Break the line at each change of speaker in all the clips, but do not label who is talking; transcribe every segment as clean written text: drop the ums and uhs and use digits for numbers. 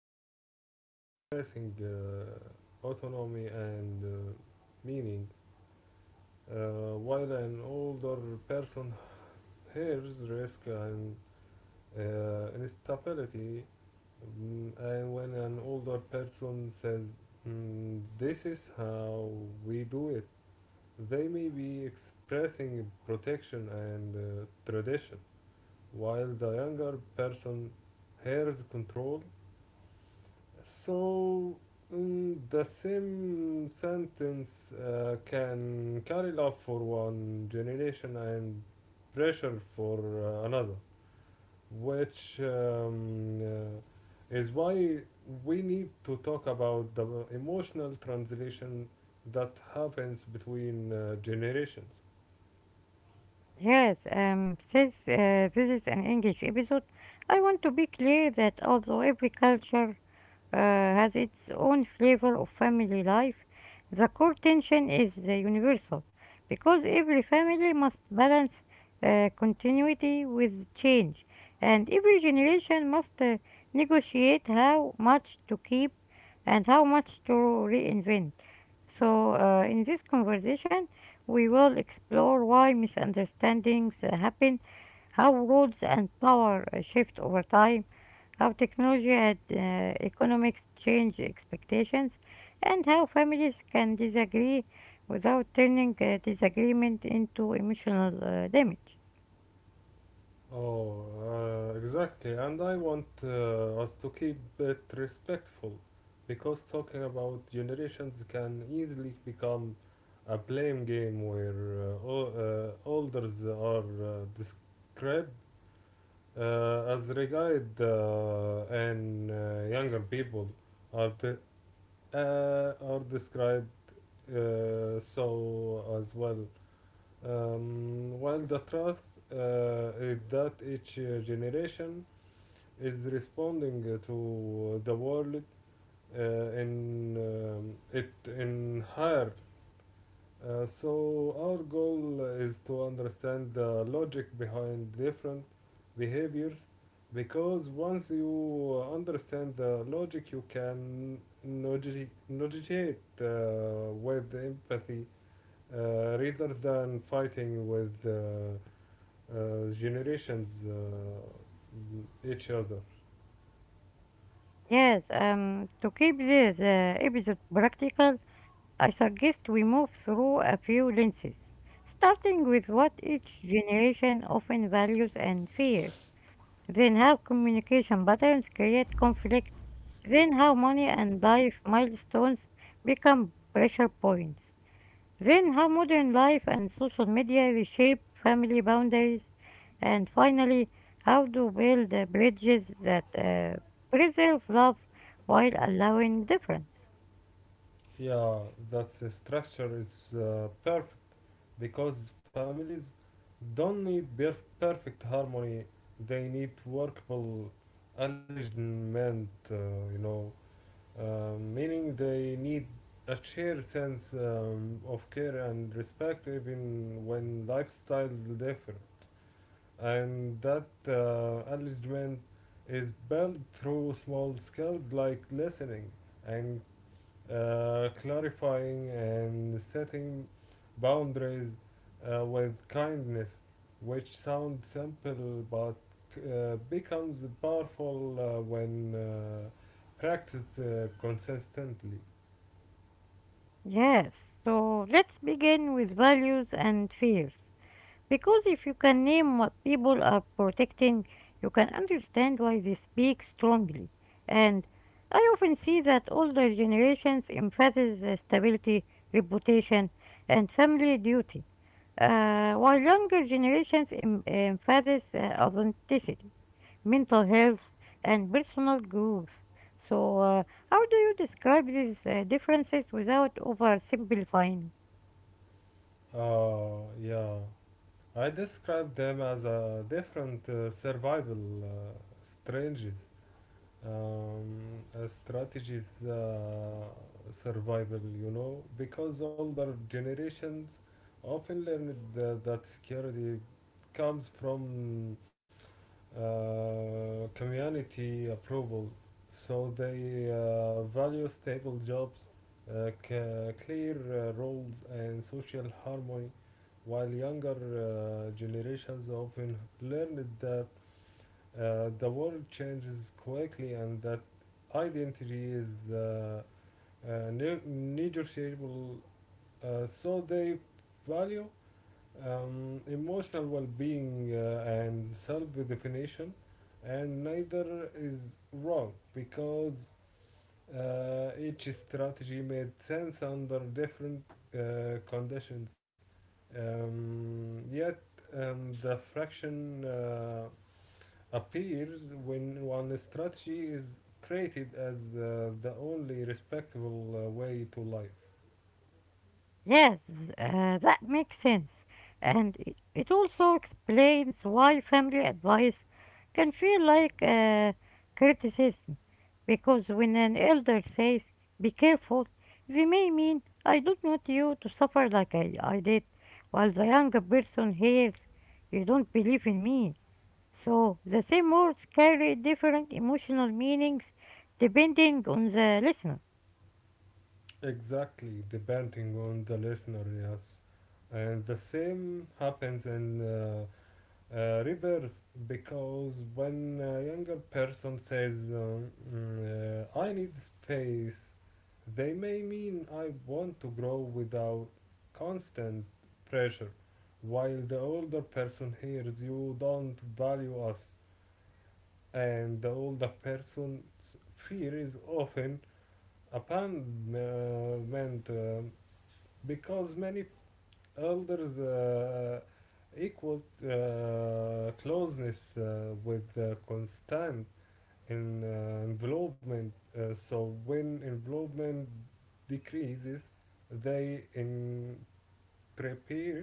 maybe expressing autonomy and meaning, while an older person hears risk and instability. And when an older person says, "This is how we do it," they may be expressing protection and tradition, while the younger person hears control. So, in the same sentence can carry love for one generation and pressure for another, which is why we need to talk about the emotional translation that happens between generations.
Yes, since this is an English episode, I want to be clear that although every culture has its own flavor of family life, the core tension is universal because every family must balance continuity with change, and every generation must negotiate how much to keep and how much to reinvent. So, in this conversation, we will explore why misunderstandings happen, how roles and power shift over time, how technology had economics change expectations, and how families can disagree without turning disagreement into emotional damage.
Oh, exactly. And I want us to keep it respectful, because talking about generations can easily become a blame game where elders are described as regard, and younger people are, de- are described so as well. While the truth is that each generation is responding to the world in it in her. So our goal is to understand the logic behind different behaviors, because once you understand the logic you can negotiate with empathy rather than fighting with generations each other.
Yes, to keep this episode practical, I suggest we move through a few lenses, starting with what each generation often values and fears. Then how communication patterns create conflict. Then how money and life milestones become pressure points. Then how modern life and social media reshape family boundaries. And finally, how to build bridges that preserve love while allowing difference.
Yeah, that structure is perfect, because families don't need perfect harmony. They need workable alignment, you know, meaning they need a shared sense of care and respect even when lifestyles differ. And that alignment is built through small skills like listening and clarifying and setting boundaries with kindness, which sounds simple but becomes powerful when practiced consistently.
Yes, so let's begin with values and fears. Because if you can name what people are protecting, you can understand why they speak strongly. And I often see that older generations emphasize the stability, reputation, and family duty, while younger generations emphasize authenticity, mental health, and personal growth. So, how do you describe these differences without oversimplifying?
Yeah. I describe them as a different survival strategies, strategies survival you know because older generations often learned that security comes from community approval, so they value stable jobs, clear roles and social harmony, while younger generations often learned that the world changes quickly, and that identity is negotiable. So they value emotional well-being and self-definition, and neither is wrong, because each strategy made sense under different conditions. Yet the fraction appears when one strategy is treated as the only respectable way to life.
Yes, that makes sense. And it also explains why family advice can feel like criticism. Because when an elder says, be careful, they may mean, I don't want you to suffer like I did, while the younger person hears, you don't believe in me. So the same words carry different emotional meanings depending on the listener.
Exactly, depending on the listener, yes. And the same happens in reverse, because when a younger person says, "I need space," they may mean, "I want to grow without constant pressure," while the older person hears, "You don't value us," and the older person's fear is often abandonment, because many elders equaled closeness with constant involvement. So when involvement decreases, they interpret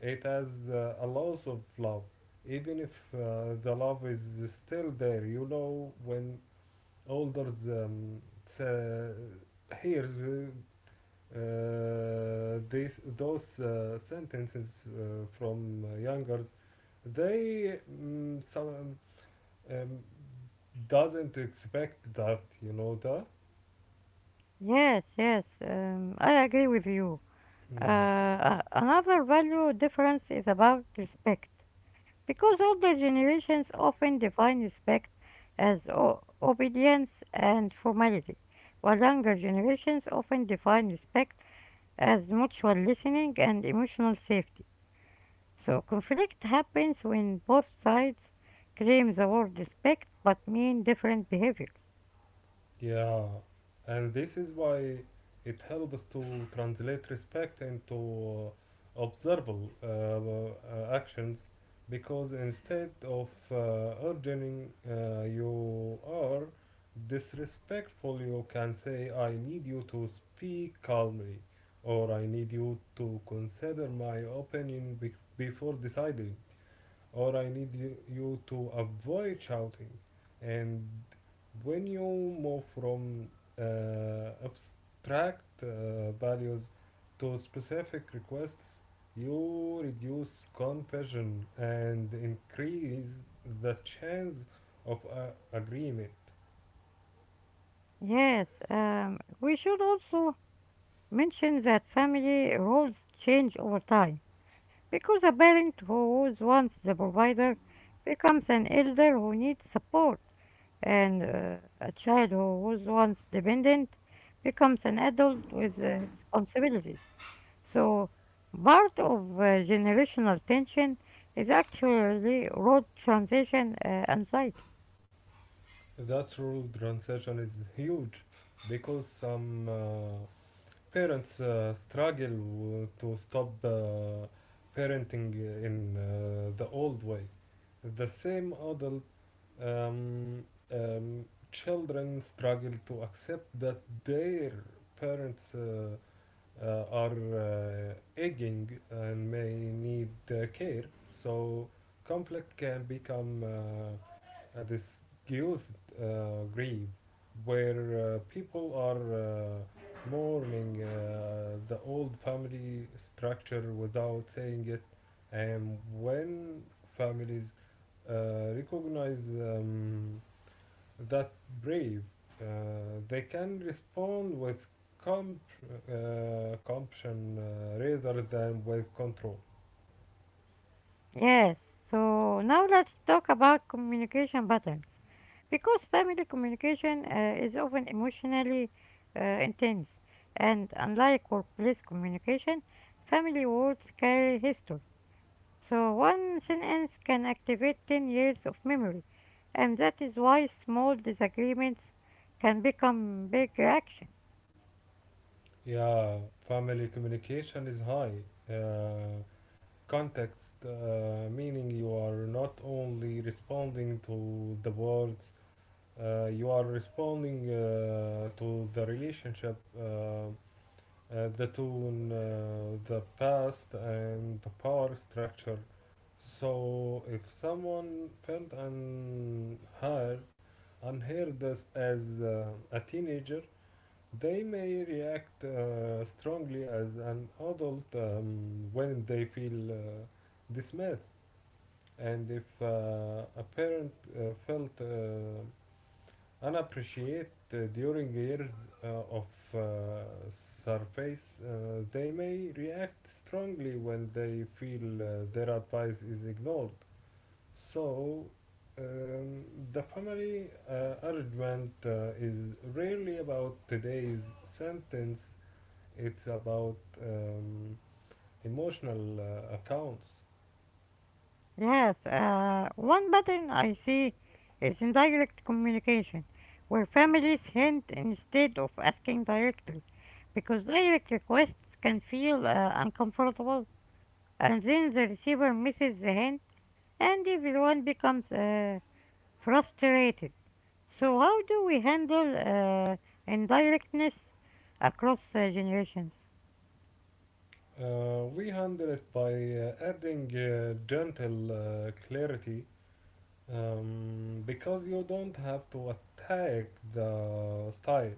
it as a loss of love, even if the love is still there. When elders hears these those sentences from youngers, they some um, doesn't expect that that.
Yes, yes, I agree with you.
Yeah,
Another value difference is about respect, because older generations often define respect as obedience and formality, while younger generations often define respect as mutual listening and emotional safety. So, conflict happens when both sides claim the word respect but mean different behavior.
yeah, and this is why it helps to translate respect into observable actions, because instead of urging, You are disrespectful," you can say, "I need you to speak calmly," or, "I need you to consider my opinion before deciding," or, "I need you to avoid shouting." And when you move from abstract values to specific requests, you reduce confusion and increase the chance of agreement.
Yes, we should also mention that family roles change over time because a parent who was once the provider becomes an elder who needs support, and a child who was once dependent becomes an adult with responsibilities. So, part of generational tension is actually road transition anxiety.
That rule transition is huge, because some parents struggle to stop parenting in the old way. The same adult um, um, children struggle to accept that their parents are aging and may need care. So conflict can become a disguised grief, where people are mourning the old family structure without saying it. And when families recognize that brave, uh, they can respond with comp- compassion rather than with control.
Yes, so now let's talk about communication patterns. Because family communication is often emotionally intense, and unlike workplace communication, family words carry history. So one sentence can activate 10 years of memory, and that is why small disagreements can become big reactions.
Yeah, family communication is high. Uh, context, meaning you are not only responding to the words, you are responding to the relationship: the tone, the past, and the power structure. So if someone felt unheard as a teenager, they may react strongly as an adult when they feel dismissed. And if a parent felt and appreciate during years of surface, they may react strongly when they feel their advice is ignored. So, um, the family argument is rarely about today's sentence, it's about emotional accounts.
Yes, one pattern I see is indirect communication, where families hint instead of asking directly, because direct requests can feel uncomfortable, and then the receiver misses the hint, and everyone becomes frustrated. So, how do we handle indirectness across generations?
We handle it by adding gentle clarity, because you don't have to attack the style.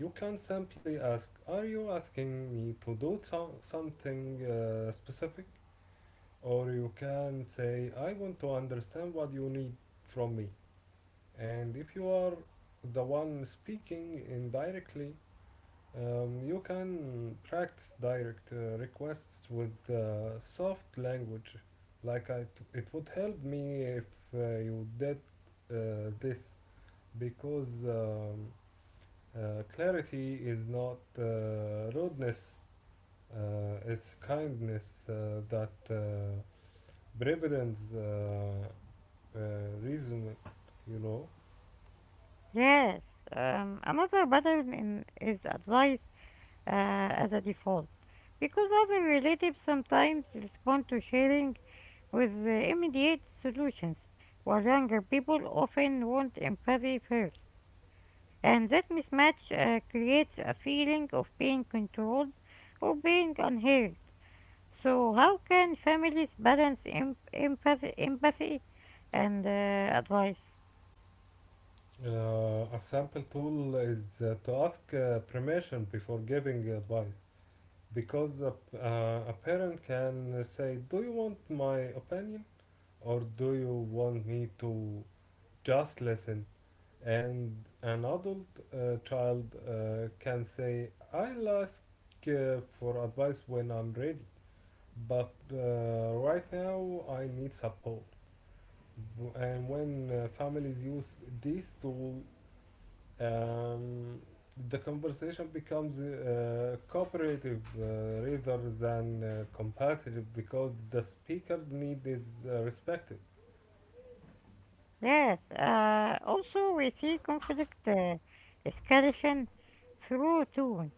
You can simply ask, "Are you asking me to do something specific?" Or you can say, "I want to understand what you need from me." And if you are the one speaking indirectly, you can practice direct requests with soft language. Like it would help me if you did this, because clarity is not rudeness, it's kindness that prevalence uh, reason, you know.
Yes, another pattern is advice as a default because other relatives sometimes respond to sharing with immediate solutions, while younger people often want empathy first. And that mismatch creates a feeling of being controlled or being unheard. So, how can families balance empathy and advice?
A sample tool is to ask permission before giving advice. Because a parent can say, "Do you want my opinion, or do you want me to just listen?" And an adult child can say, "I'll ask for advice when I'm ready, but right now I need support." And when families use this tool, um, the conversation becomes cooperative rather than competitive, because the speaker's need is respected.
Yes, also we see conflict escalation through tone,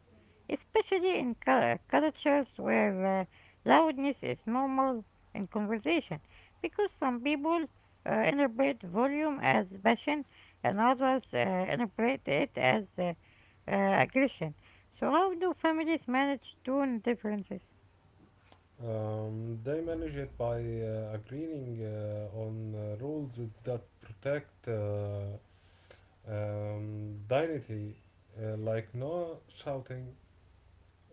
especially in cultures where loudness is normal in conversation, because some people interpret volume as passion and others interpret it as aggression. So, how do families manage tone differences?
They manage it by agreeing on rules that protect dignity, like no shouting,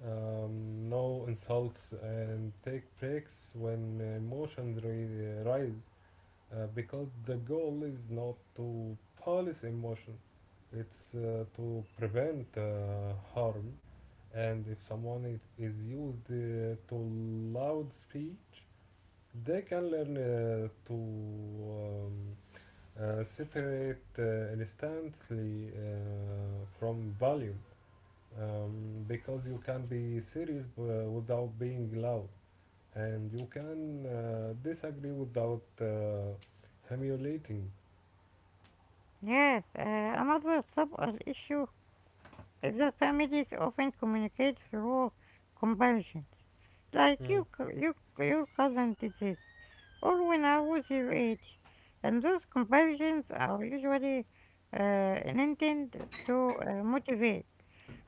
no insults, and take breaks when emotions rise. Because the goal is not to police emotion, it's to prevent harm. And if someone is used to loud speech, they can learn to um, separate instantly from volume, because you can be serious without being loud, and you can disagree without humiliating.
Yes, another subtle issue. Adult families often communicate through comparisons. Like
Mm.
you, your cousin did this, or when I was your age. And those comparisons are usually intended to motivate,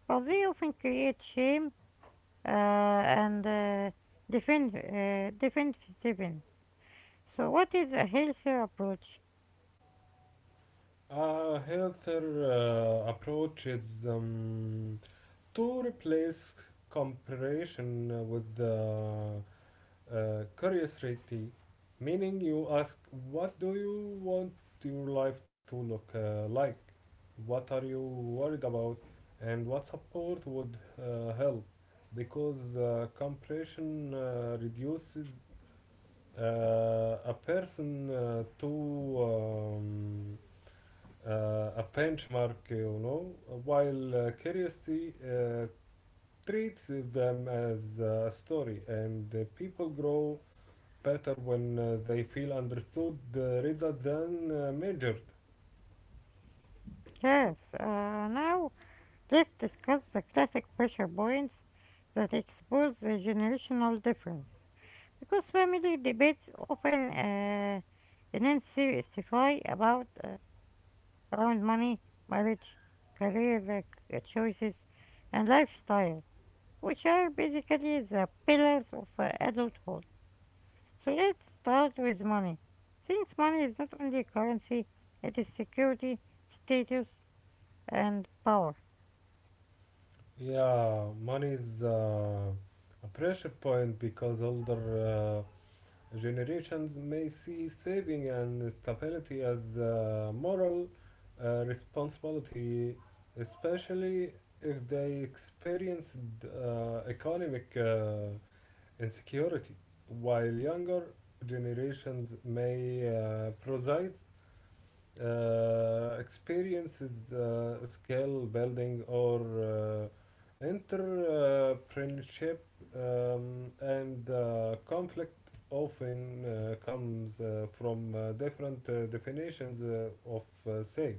but they often create shame and defensiveness. So, what is a healthier approach?
A healthier approach is to replace comparison with curiosity, meaning you ask, "What do you want your life to look like? What are you worried about? And what support would help?" Because comparison reduces a person to a benchmark, while curiosity treats them as a story, and people grow better when they feel understood rather than measured.
Yes, now this describes the classic pressure points that expose the generational difference because family debates often intensify about around money, marriage, career choices, and lifestyle, which are basically the pillars of adulthood. So let's start with money. Since money is not only currency, it is security, status, and power.
Yeah, money is a pressure point, because older generations may see saving and stability as a moral responsibility, especially if they experienced economic insecurity, while younger generations may preside experience is skill building or entrepreneurship. And conflict often comes from different definitions of save,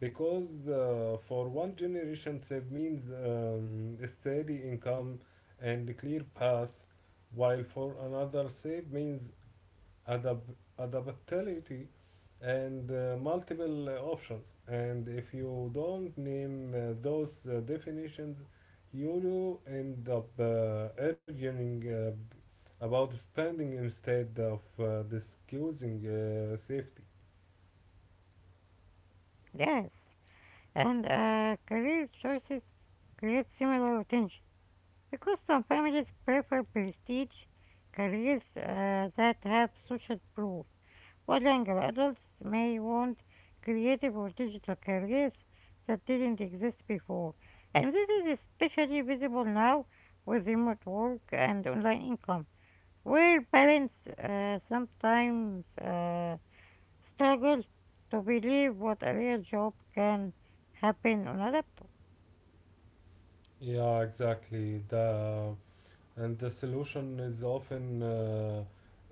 because for one generation save means a steady income and a clear path, while for another save means adapt- adaptability and multiple options. And if you don't name those definitions, you will end up arguing about spending instead of discussing safety.
Yes, and career choices create similar tension because some families prefer prestige careers that have social proof, while younger adults may want creative or digital careers that didn't exist before. And this is especially visible now with remote work and online income, where parents sometimes struggle to believe what a real job can happen on a laptop.
Yeah, exactly. the And the solution is often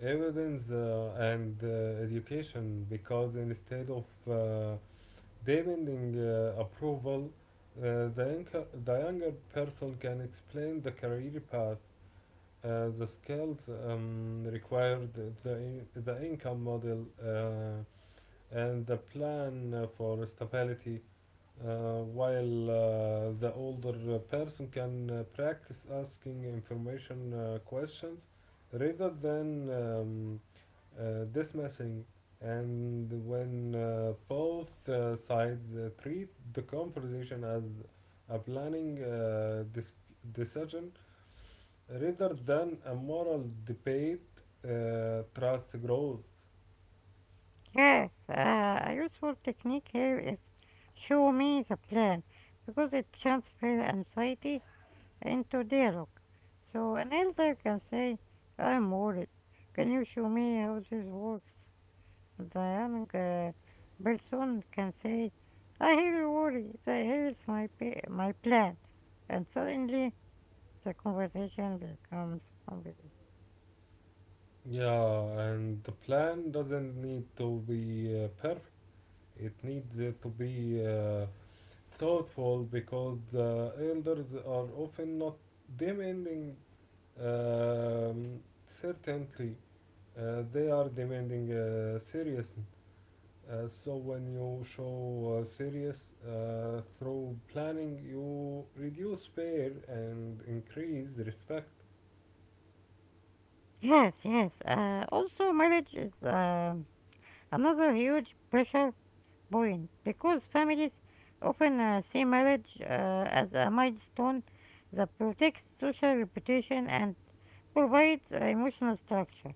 evidence and education, because instead of uh, demanding approval, the younger person can explain the career path, the skills required, the income model, and the plan for stability. While the older person can practice asking information questions rather than dismissing. And when both sides treat the conversation as a planning decision rather than a moral debate, trust grows.
Yes, a useful technique here is show me the plan because it transfers anxiety into dialogue. So an elder can say, I'm worried. Can you show me how this works? The young person can say, I hear you worry. Here's my plan. And suddenly the conversation becomes complete.
Yeah, and the plan doesn't need to be perfect. It needs to be thoughtful, because the elders are often not demanding um, certainty. They are demanding serious. So when you show serious through planning, you reduce fear and increase respect.
Yes, yes. Also, marriage is another huge pressure point because families often see marriage as a milestone that protects social reputation and provides emotional structure,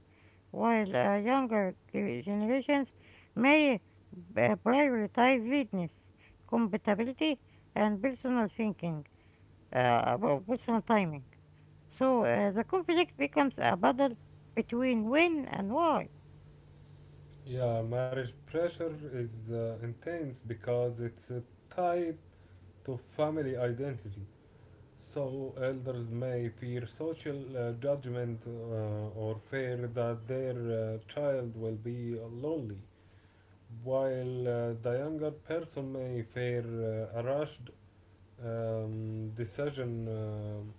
while younger generations may prioritize readiness, compatibility, and personal thinking about personal timing. So the conflict becomes a battle between when and why.
Yeah, marriage pressure is intense, because it's tied to family identity. So elders may fear social judgment or fear that their child will be lonely. While the younger person may fear a rushed decision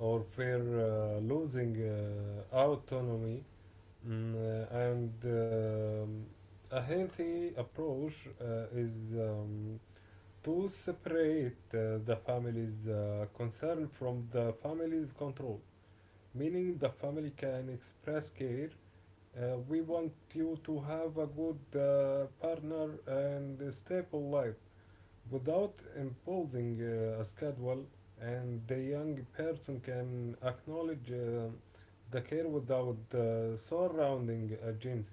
or fear losing autonomy. Mm, and A healthy approach is to separate the family's concern from the family's control, meaning the family can express care. We want you to have a good partner and a stable life without imposing a schedule, and the young person can acknowledge the care without surrounding agency.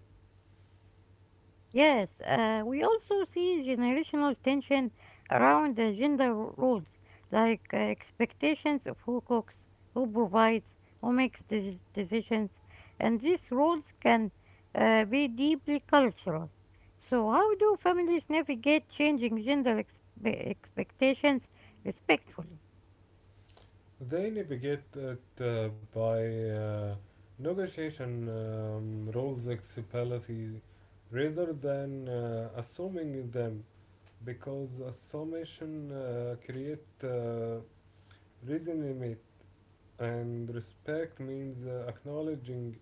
Yes, we also see generational tension around the gender roles, like expectations of who cooks, who provides, who makes decisions, and these roles can be deeply cultural. So, how do families navigate changing gender expectations respectfully?
They navigate it by negotiation rules accessibility rather than assuming them, because assumption create Reason mate, and respect means acknowledging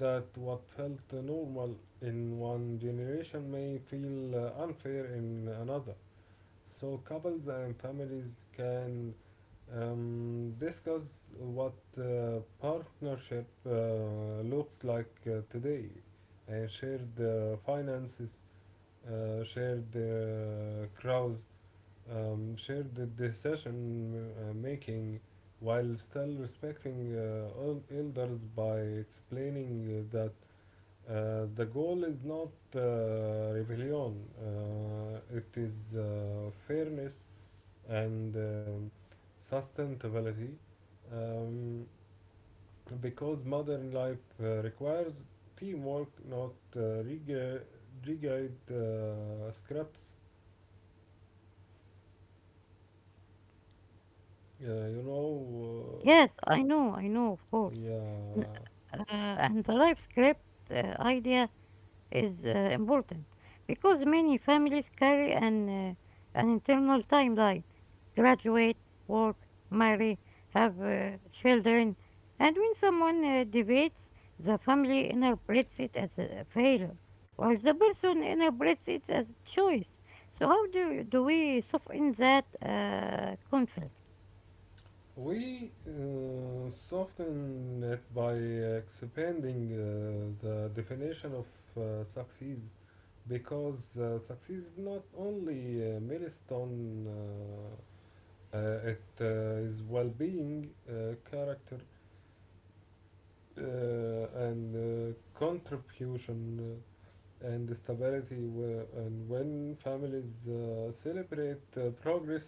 that what felt normal in one generation may feel unfair in another. So couples and families can discuss what partnership looks like today, and shared finances, shared crowds, shared the decision making, while still respecting all elders by explaining that the goal is not rebellion, it is fairness and sustainability, um, because modern life requires teamwork, not rigid scripts. Uh, you know, uh,
Yes, I know, of course. N-
Yeah,
and the life script idea is important because many families carry an internal timeline. Graduate, work, marry, have children. And when someone debates, the family interprets it as a failure, while the person interprets it as choice. So, do we soften that conflict?
we soften it by expanding the definition of success, because success is not only a milestone, it is well being, character, and contribution, and stability. And when families celebrate progress,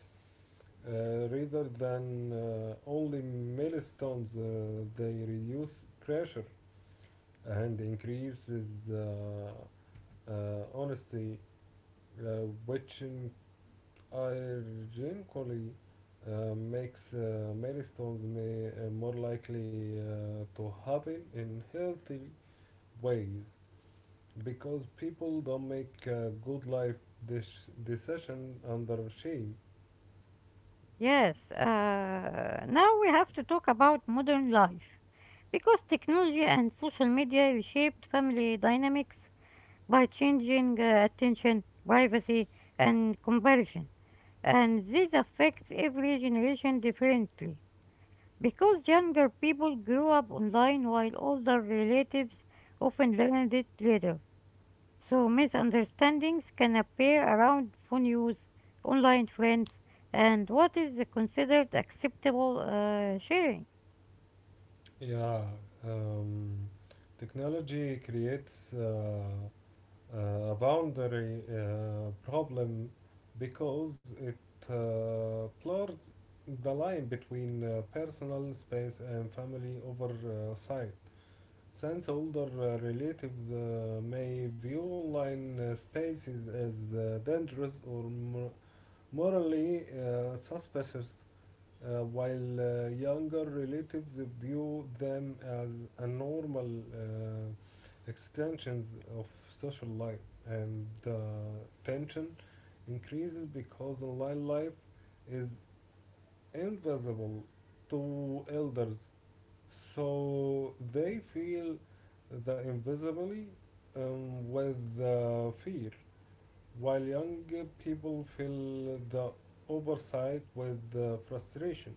Rather than only millstones, they reduce pressure and increases the honesty, uh, which in- ironically makes millstones more likely to happen in healthy ways, because people don't make a good life decision under shame.
Yes, now we have to talk about modern life because technology and social media reshaped family dynamics by changing attention, privacy, and comparison. And this affects every generation differently because younger people grew up online while older relatives often learned it later. So misunderstandings can appear around phone use, online friends, and what is considered acceptable sharing.
Yeah, um, Technology creates a boundary problem because it blurs the line between personal space and family oversight. Since older relatives may view online spaces as dangerous or morally suspicious, while younger relatives view them as a normal extensions of social life, and the tension increases because online life is invisible to elders, so they feel the invisibility with fear, while young people feel the oversight with frustration.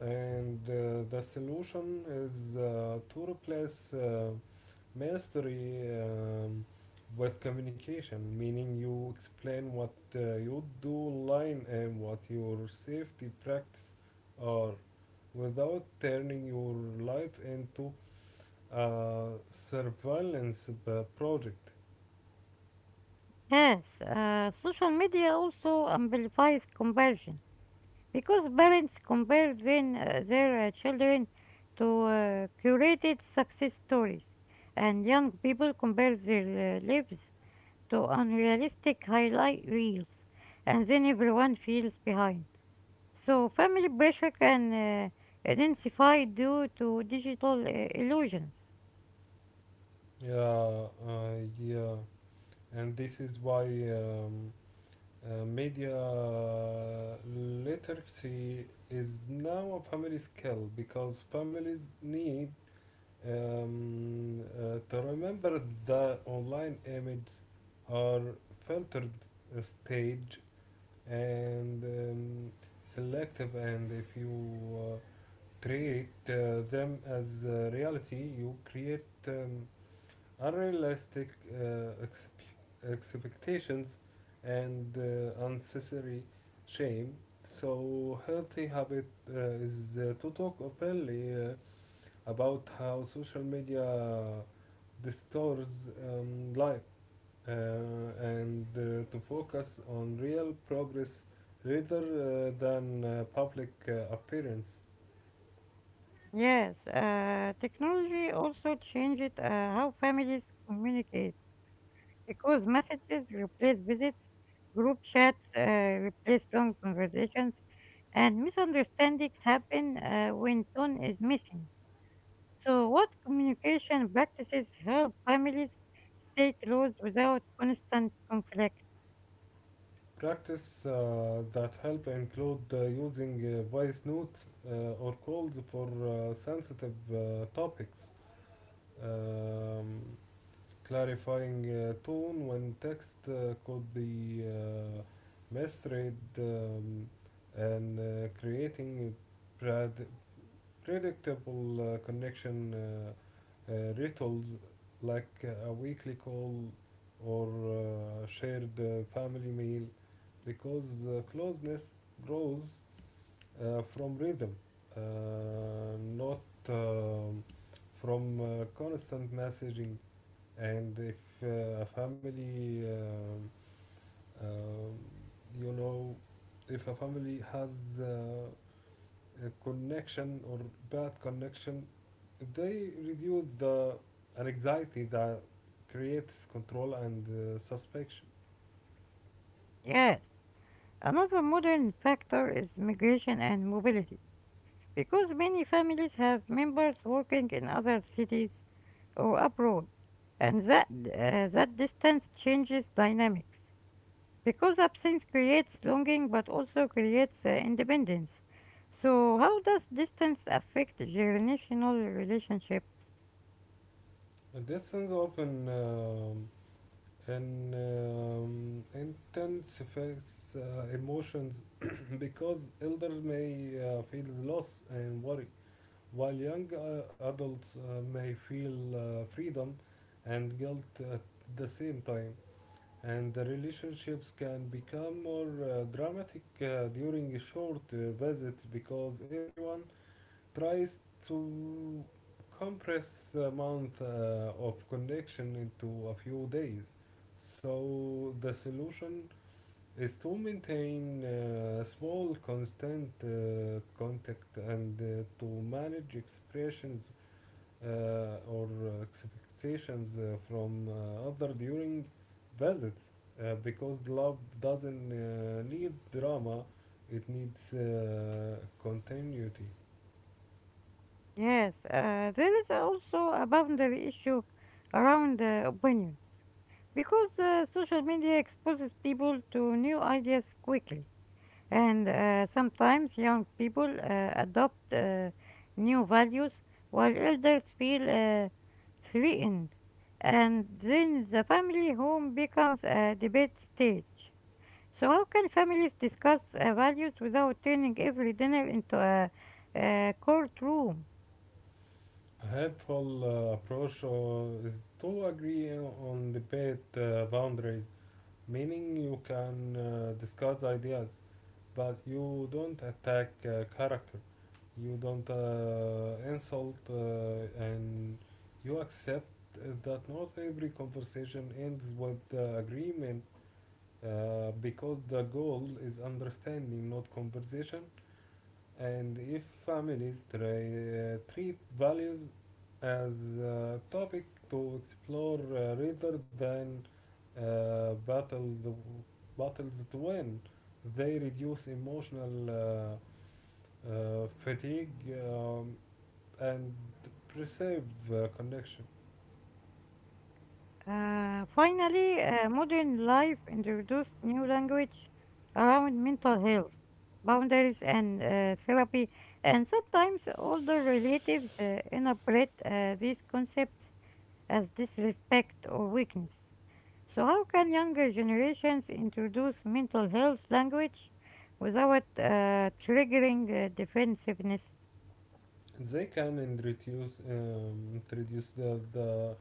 And the solution is to replace ministry with communication, meaning you explain what you do online and what your safety practice are, without turning your life into a surveillance project.
Yes, social media also amplifies comparison because parents compare their children to curated success stories, and young people compare their lives to unrealistic highlight reels, and then everyone feels behind. So family pressure can intensify due to digital illusions.
Yeah, uh, yeah, and this is why um, media literacy is now a family skill, because families need to remember that online images are filtered, staged, and selective. And if you treat them as reality, you create unrealistic expectations, and unnecessary shame. So, healthy habit uh, is to talk openly about how social media distorts life, uh, and to focus on real progress rather than public appearance.
Yes, technology also changes how families communicate because messages replace visits, group chats replace long conversations, and misunderstandings happen when tone is missing. So, what communication practices help families stay close without constant conflict?
Practice that help include using voice notes or calls for sensitive topics, um, clarifying tone when text could be misread, and creating prad- predictable connection rituals like a weekly call or shared family meal, because closeness grows from rhythm, uh, not um from constant messaging. And if a family, um, you know, if a family has connection or bad connection, they reduce the anxiety that creates control and suspicion.
Yes. Another modern factor is migration and mobility, because many families have members working in other cities or abroad, and that distance changes dynamics. Because absence creates longing but also creates independence. So, how does distance affect generational relationships?
And this sense often intensifies emotions because elders may feel loss and worry, while young adults may feel freedom and guilt at the same time. And the relationships can become more dramatic during short visits because everyone tries to compress a month of connection into a few days. So the solution is to maintain small constant contact and to manage expressions or expectations from other during visits, because love doesn't need drama, it needs continuity.
Yes, there is also a boundary issue around opinions because social media exposes people to new ideas quickly, and sometimes young people adopt new values while elders feel threatened, and then the family home becomes a debate stage. So, how can families discuss values without turning every dinner into a courtroom?
A helpful approach is to agree on debate boundaries, meaning you can discuss ideas but you don't attack character, you don't insult, and you accept that not every conversation ends with agreement, because the goal is understanding, not conversation. And if families try, treat values as a topic to explore rather than battle the battles to win, they reduce emotional fatigue um, and preserve connection.
Finally, modern life introduced new language around mental health, boundaries, and therapy, and sometimes older relatives interpret these concepts as disrespect or weakness. So, how can younger generations introduce mental health language without triggering defensiveness?
They can introduce introduce the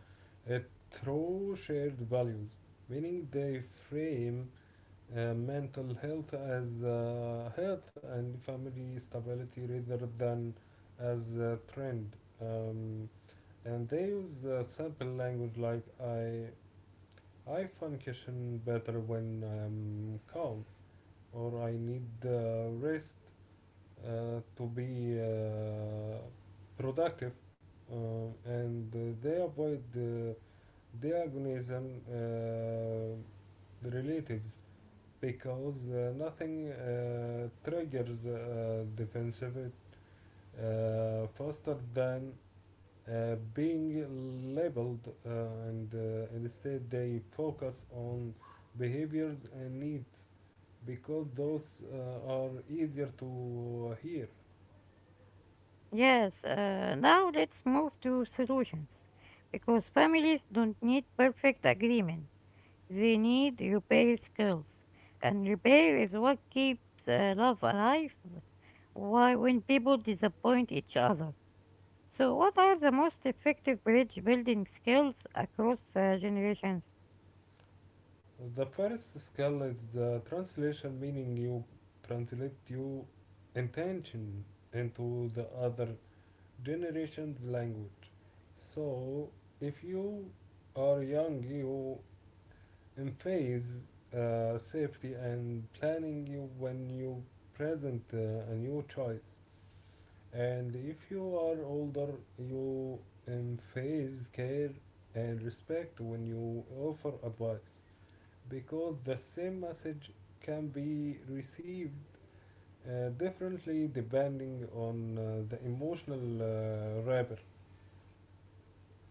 uh, through shared values, meaning they frame mental health as health and family stability rather than as a trend. And they use simple language like I function better when I'm calm, or I need rest to be productive, uh, and they avoid the agonism relatives, because nothing triggers defensive faster than being labeled, and instead they focus on behaviors and needs because those are easier to hear.
Yes, now let's move to solutions. Because families don't need perfect agreement, they need repair skills. And repair is what keeps love alive why, when people disappoint each other. So, what are the most effective bridge building skills across generations?
The first skill is the translation, meaning you translate your intention into the other generation's language. So, if you are young, you emphasize safety and planning you when you present a new choice. And if you are older, you emphasize care and respect when you offer advice, because the same message can be received differently depending on the emotional wrapper.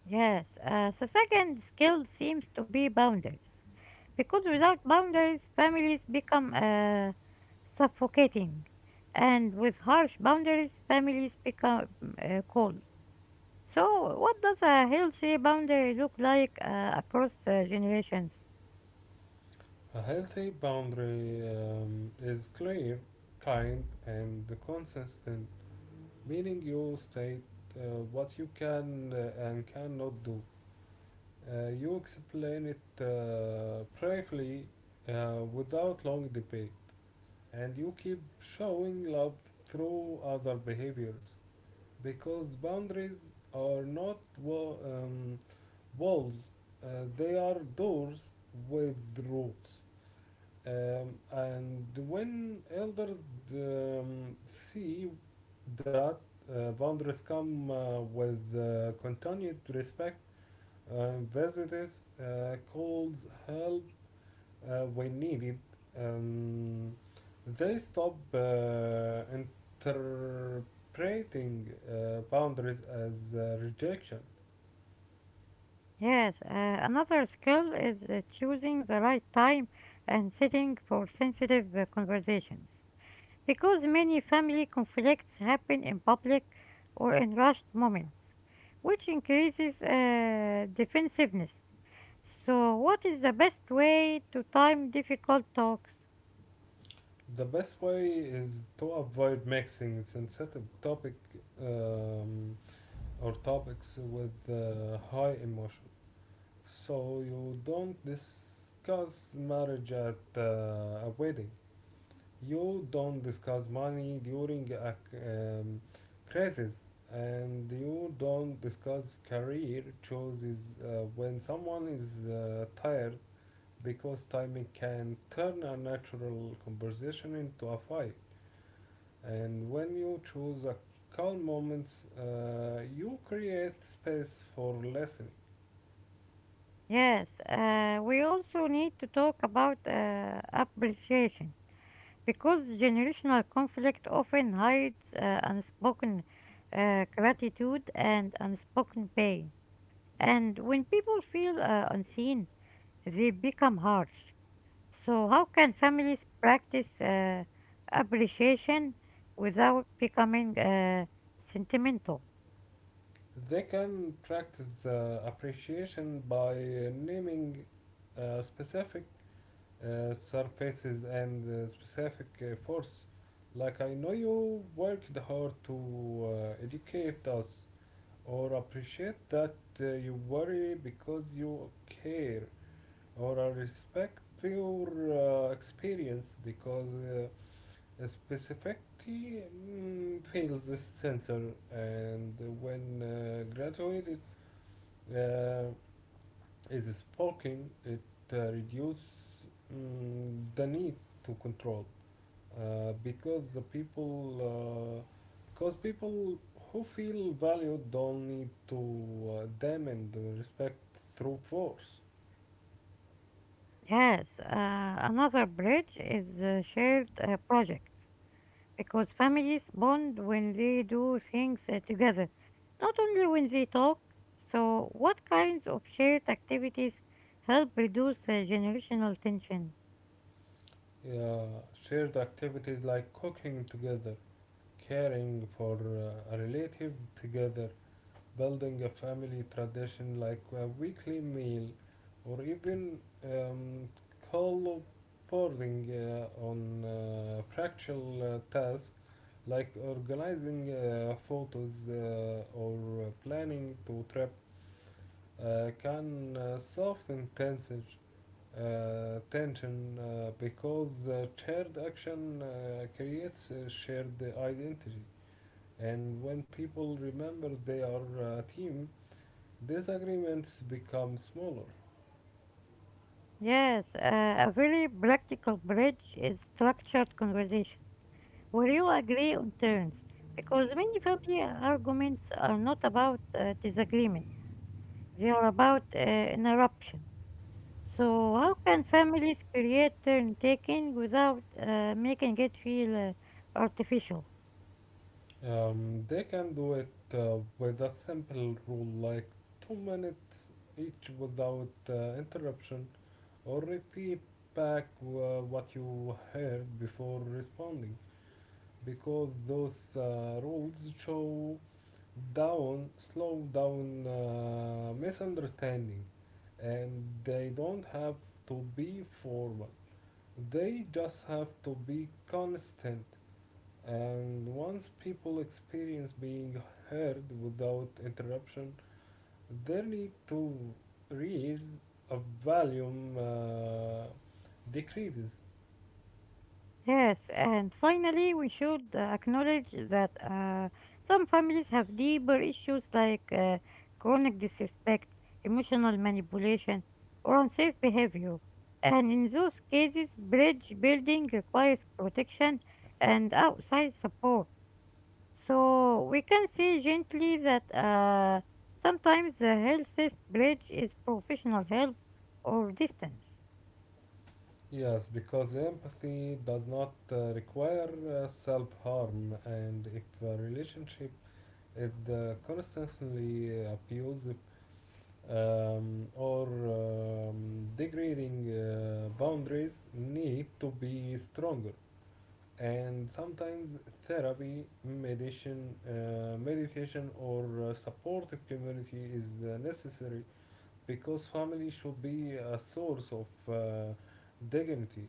Yes, the second skill seems to be boundaries. Because without boundaries, families become suffocating, and with harsh boundaries, families become cold. So, what does a healthy boundary look like across generations?
A healthy boundary is clear, kind, and consistent, meaning you state uh, what you can and cannot do. You explain it briefly without long debate, and you keep showing love through other behaviors, because boundaries are not walls, uh, they are doors with roots. And when elders see that boundaries come with continued respect, visitors calls help when needed, Um, they stop interpreting boundaries as rejection.
Yes, another skill is choosing the right time and setting for sensitive conversations. Because many family conflicts happen in public or in rushed moments, which increases defensiveness. So, what is the best way to time difficult talks?
The best way is to avoid mixing sensitive topic um, or topics with high emotion, so you don't discuss marriage at a wedding. You don't discuss money during a crisis, and you don't discuss career choices when someone is tired, because timing can turn a natural conversation into a fight. And when you choose a calm moments, you create space for listening.
Yes, we also need to talk about appreciation because generational conflict often hides unspoken gratitude and unspoken pain. And when people feel unseen, they become harsh. So, how can families practice appreciation without becoming sentimental?
They can practice the appreciation by naming specific surfaces and specific force. Like, I know you worked hard to educate us, or appreciate that you worry because you care, or I respect your experience, because a specificity fails this sensor, and when graduated uh, is spoken, it reduces the need to control, uh, because the people uh, because people who feel valued don't need to demand the respect through force.
Yes, another bridge is shared projects because families bond when they do things together, not only when they talk. So, what kinds of shared activities help reduce generational tension?
Yeah, Shared activities like cooking together, caring for a relative together, building a family tradition like a weekly meal, or even um, collaborating on practical tasks like organizing photos or planning to trip can soften tension, because shared action creates a shared identity. And when people remember they are a team, disagreements become smaller.
Yes, a very practical bridge is structured conversation where you agree on terms, because many family arguments are not about disagreement, they are about interruption. So, how can families create turn taking without making it feel artificial?
They can do it with a simple rule like 2 minutes each without interruption, or repeat back what you heard before responding, because those rules show down slow down misunderstanding, and they don't have to be formal, they just have to be constant. And once people experience being heard without interruption, 32 reads of volume decreases.
Yes, and finally, we should acknowledge that some families have deeper issues like chronic disrespect, emotional manipulation, or unsafe behavior. And in those cases, bridge building requires protection and outside support. So we can say gently that sometimes the healthiest bridge is professional help or distance.
Yes, because empathy does not require self harm, and if a relationship is constantly abusive or degrading, boundaries need to be stronger. And sometimes therapy meditation meditation or supportive community is necessary, because family should be a source of uh, dignity,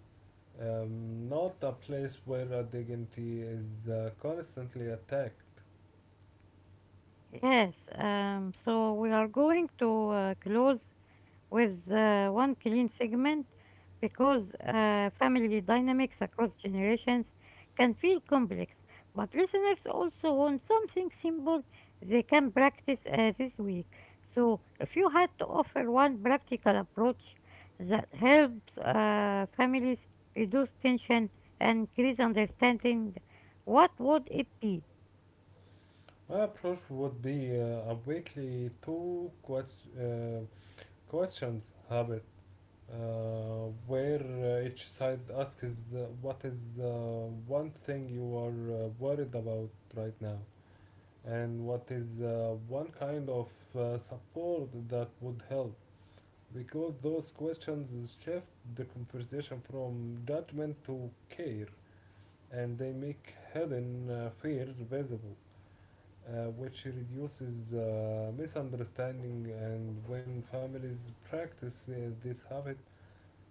not a place where dignity is constantly attacked.
Yes, so we are going to close with one clean segment because family dynamics across generations can feel complex. But listeners also want something simple they can practice this week. So, if you had to offer one practical approach that helps families reduce tension and increase understanding, what would it be?
My approach would be a weekly two questions habit, uh, where each side asks what is one thing you are worried about right now, and what is one kind of support that would help, because those questions shift the conversation from judgment to care, and they make hidden fears visible, which reduces misunderstanding. And when families practice this habit,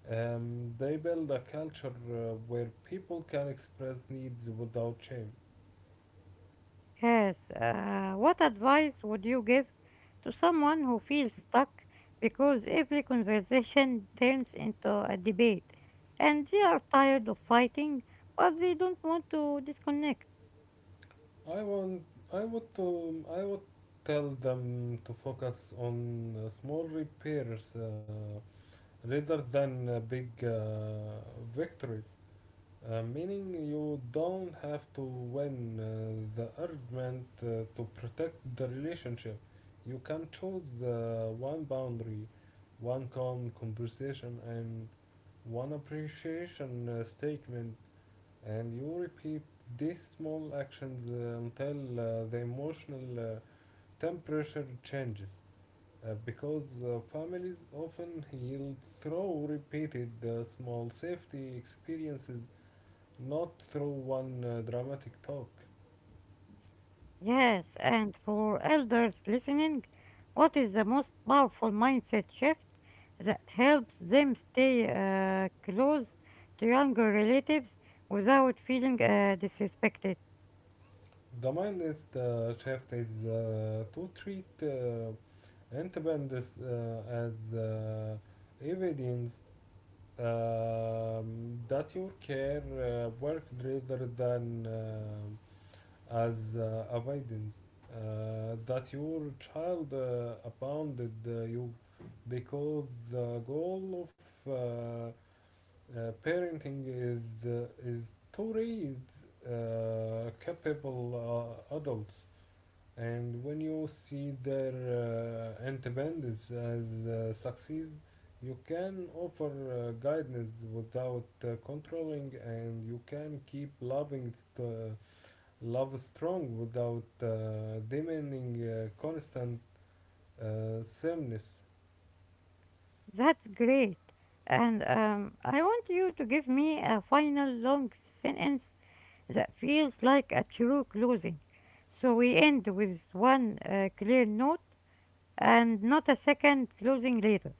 they build a culture where people can express needs without shame.
Yes, what advice would you give to someone who feels stuck because every conversation turns into a debate and they are tired of fighting but they don't want to disconnect?
I want, I would tell them to focus on small repairs rather than big victories. Meaning you don't have to win the argument to protect the relationship. You can choose one boundary, one calm conversation, and one appreciation statement, and you repeat these small actions until the emotional temperature changes, because families often heal through repeated small safety experiences, not through one dramatic talk.
Yes, and for elders listening, what is the most powerful mindset shift that helps them stay close to younger relatives without feeling disrespected?
The shift is to treat independence as evidence that your care worked, rather than as evidence that your child abounded you, because the goal of parenting is to raise capable adults, and when you see their independence as success, you can offer guidance without controlling, and you can keep love strong without demanding constant sameness.
That's great. And I want you to give me a final long sentence that feels like a true closing. So we end with one clear note and not a second closing later.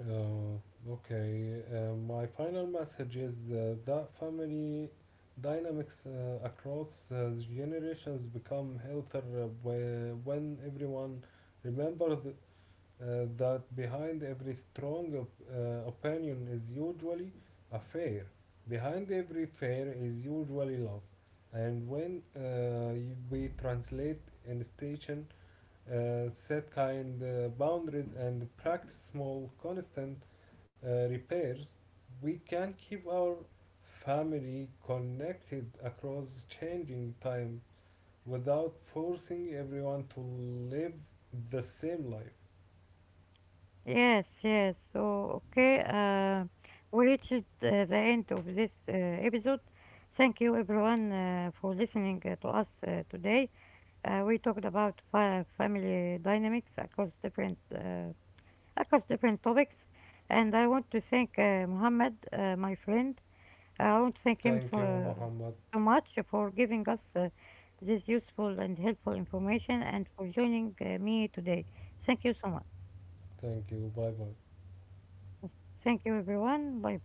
Uh, okay, my final message is that family dynamics across generations become healthier when everyone remembers that behind every strong opinion is usually a fair. Behind every fair is usually love. And when we translate institution, set kind boundaries, and practice small constant repairs, we can keep our family connected across changing time without forcing everyone to live the same life.
Yes, yes. So, okay, we reached the end of this episode. Thank you, everyone, for listening to us today. We talked about fa family dynamics across different topics. And I want to thank Mohammed, my friend. I want to thank him
Thank you, Muhammad.
so much for giving us this useful and helpful information and for joining me today. Thank you so much.
Thank you. Bye bye.
Thank you, everyone. Bye bye.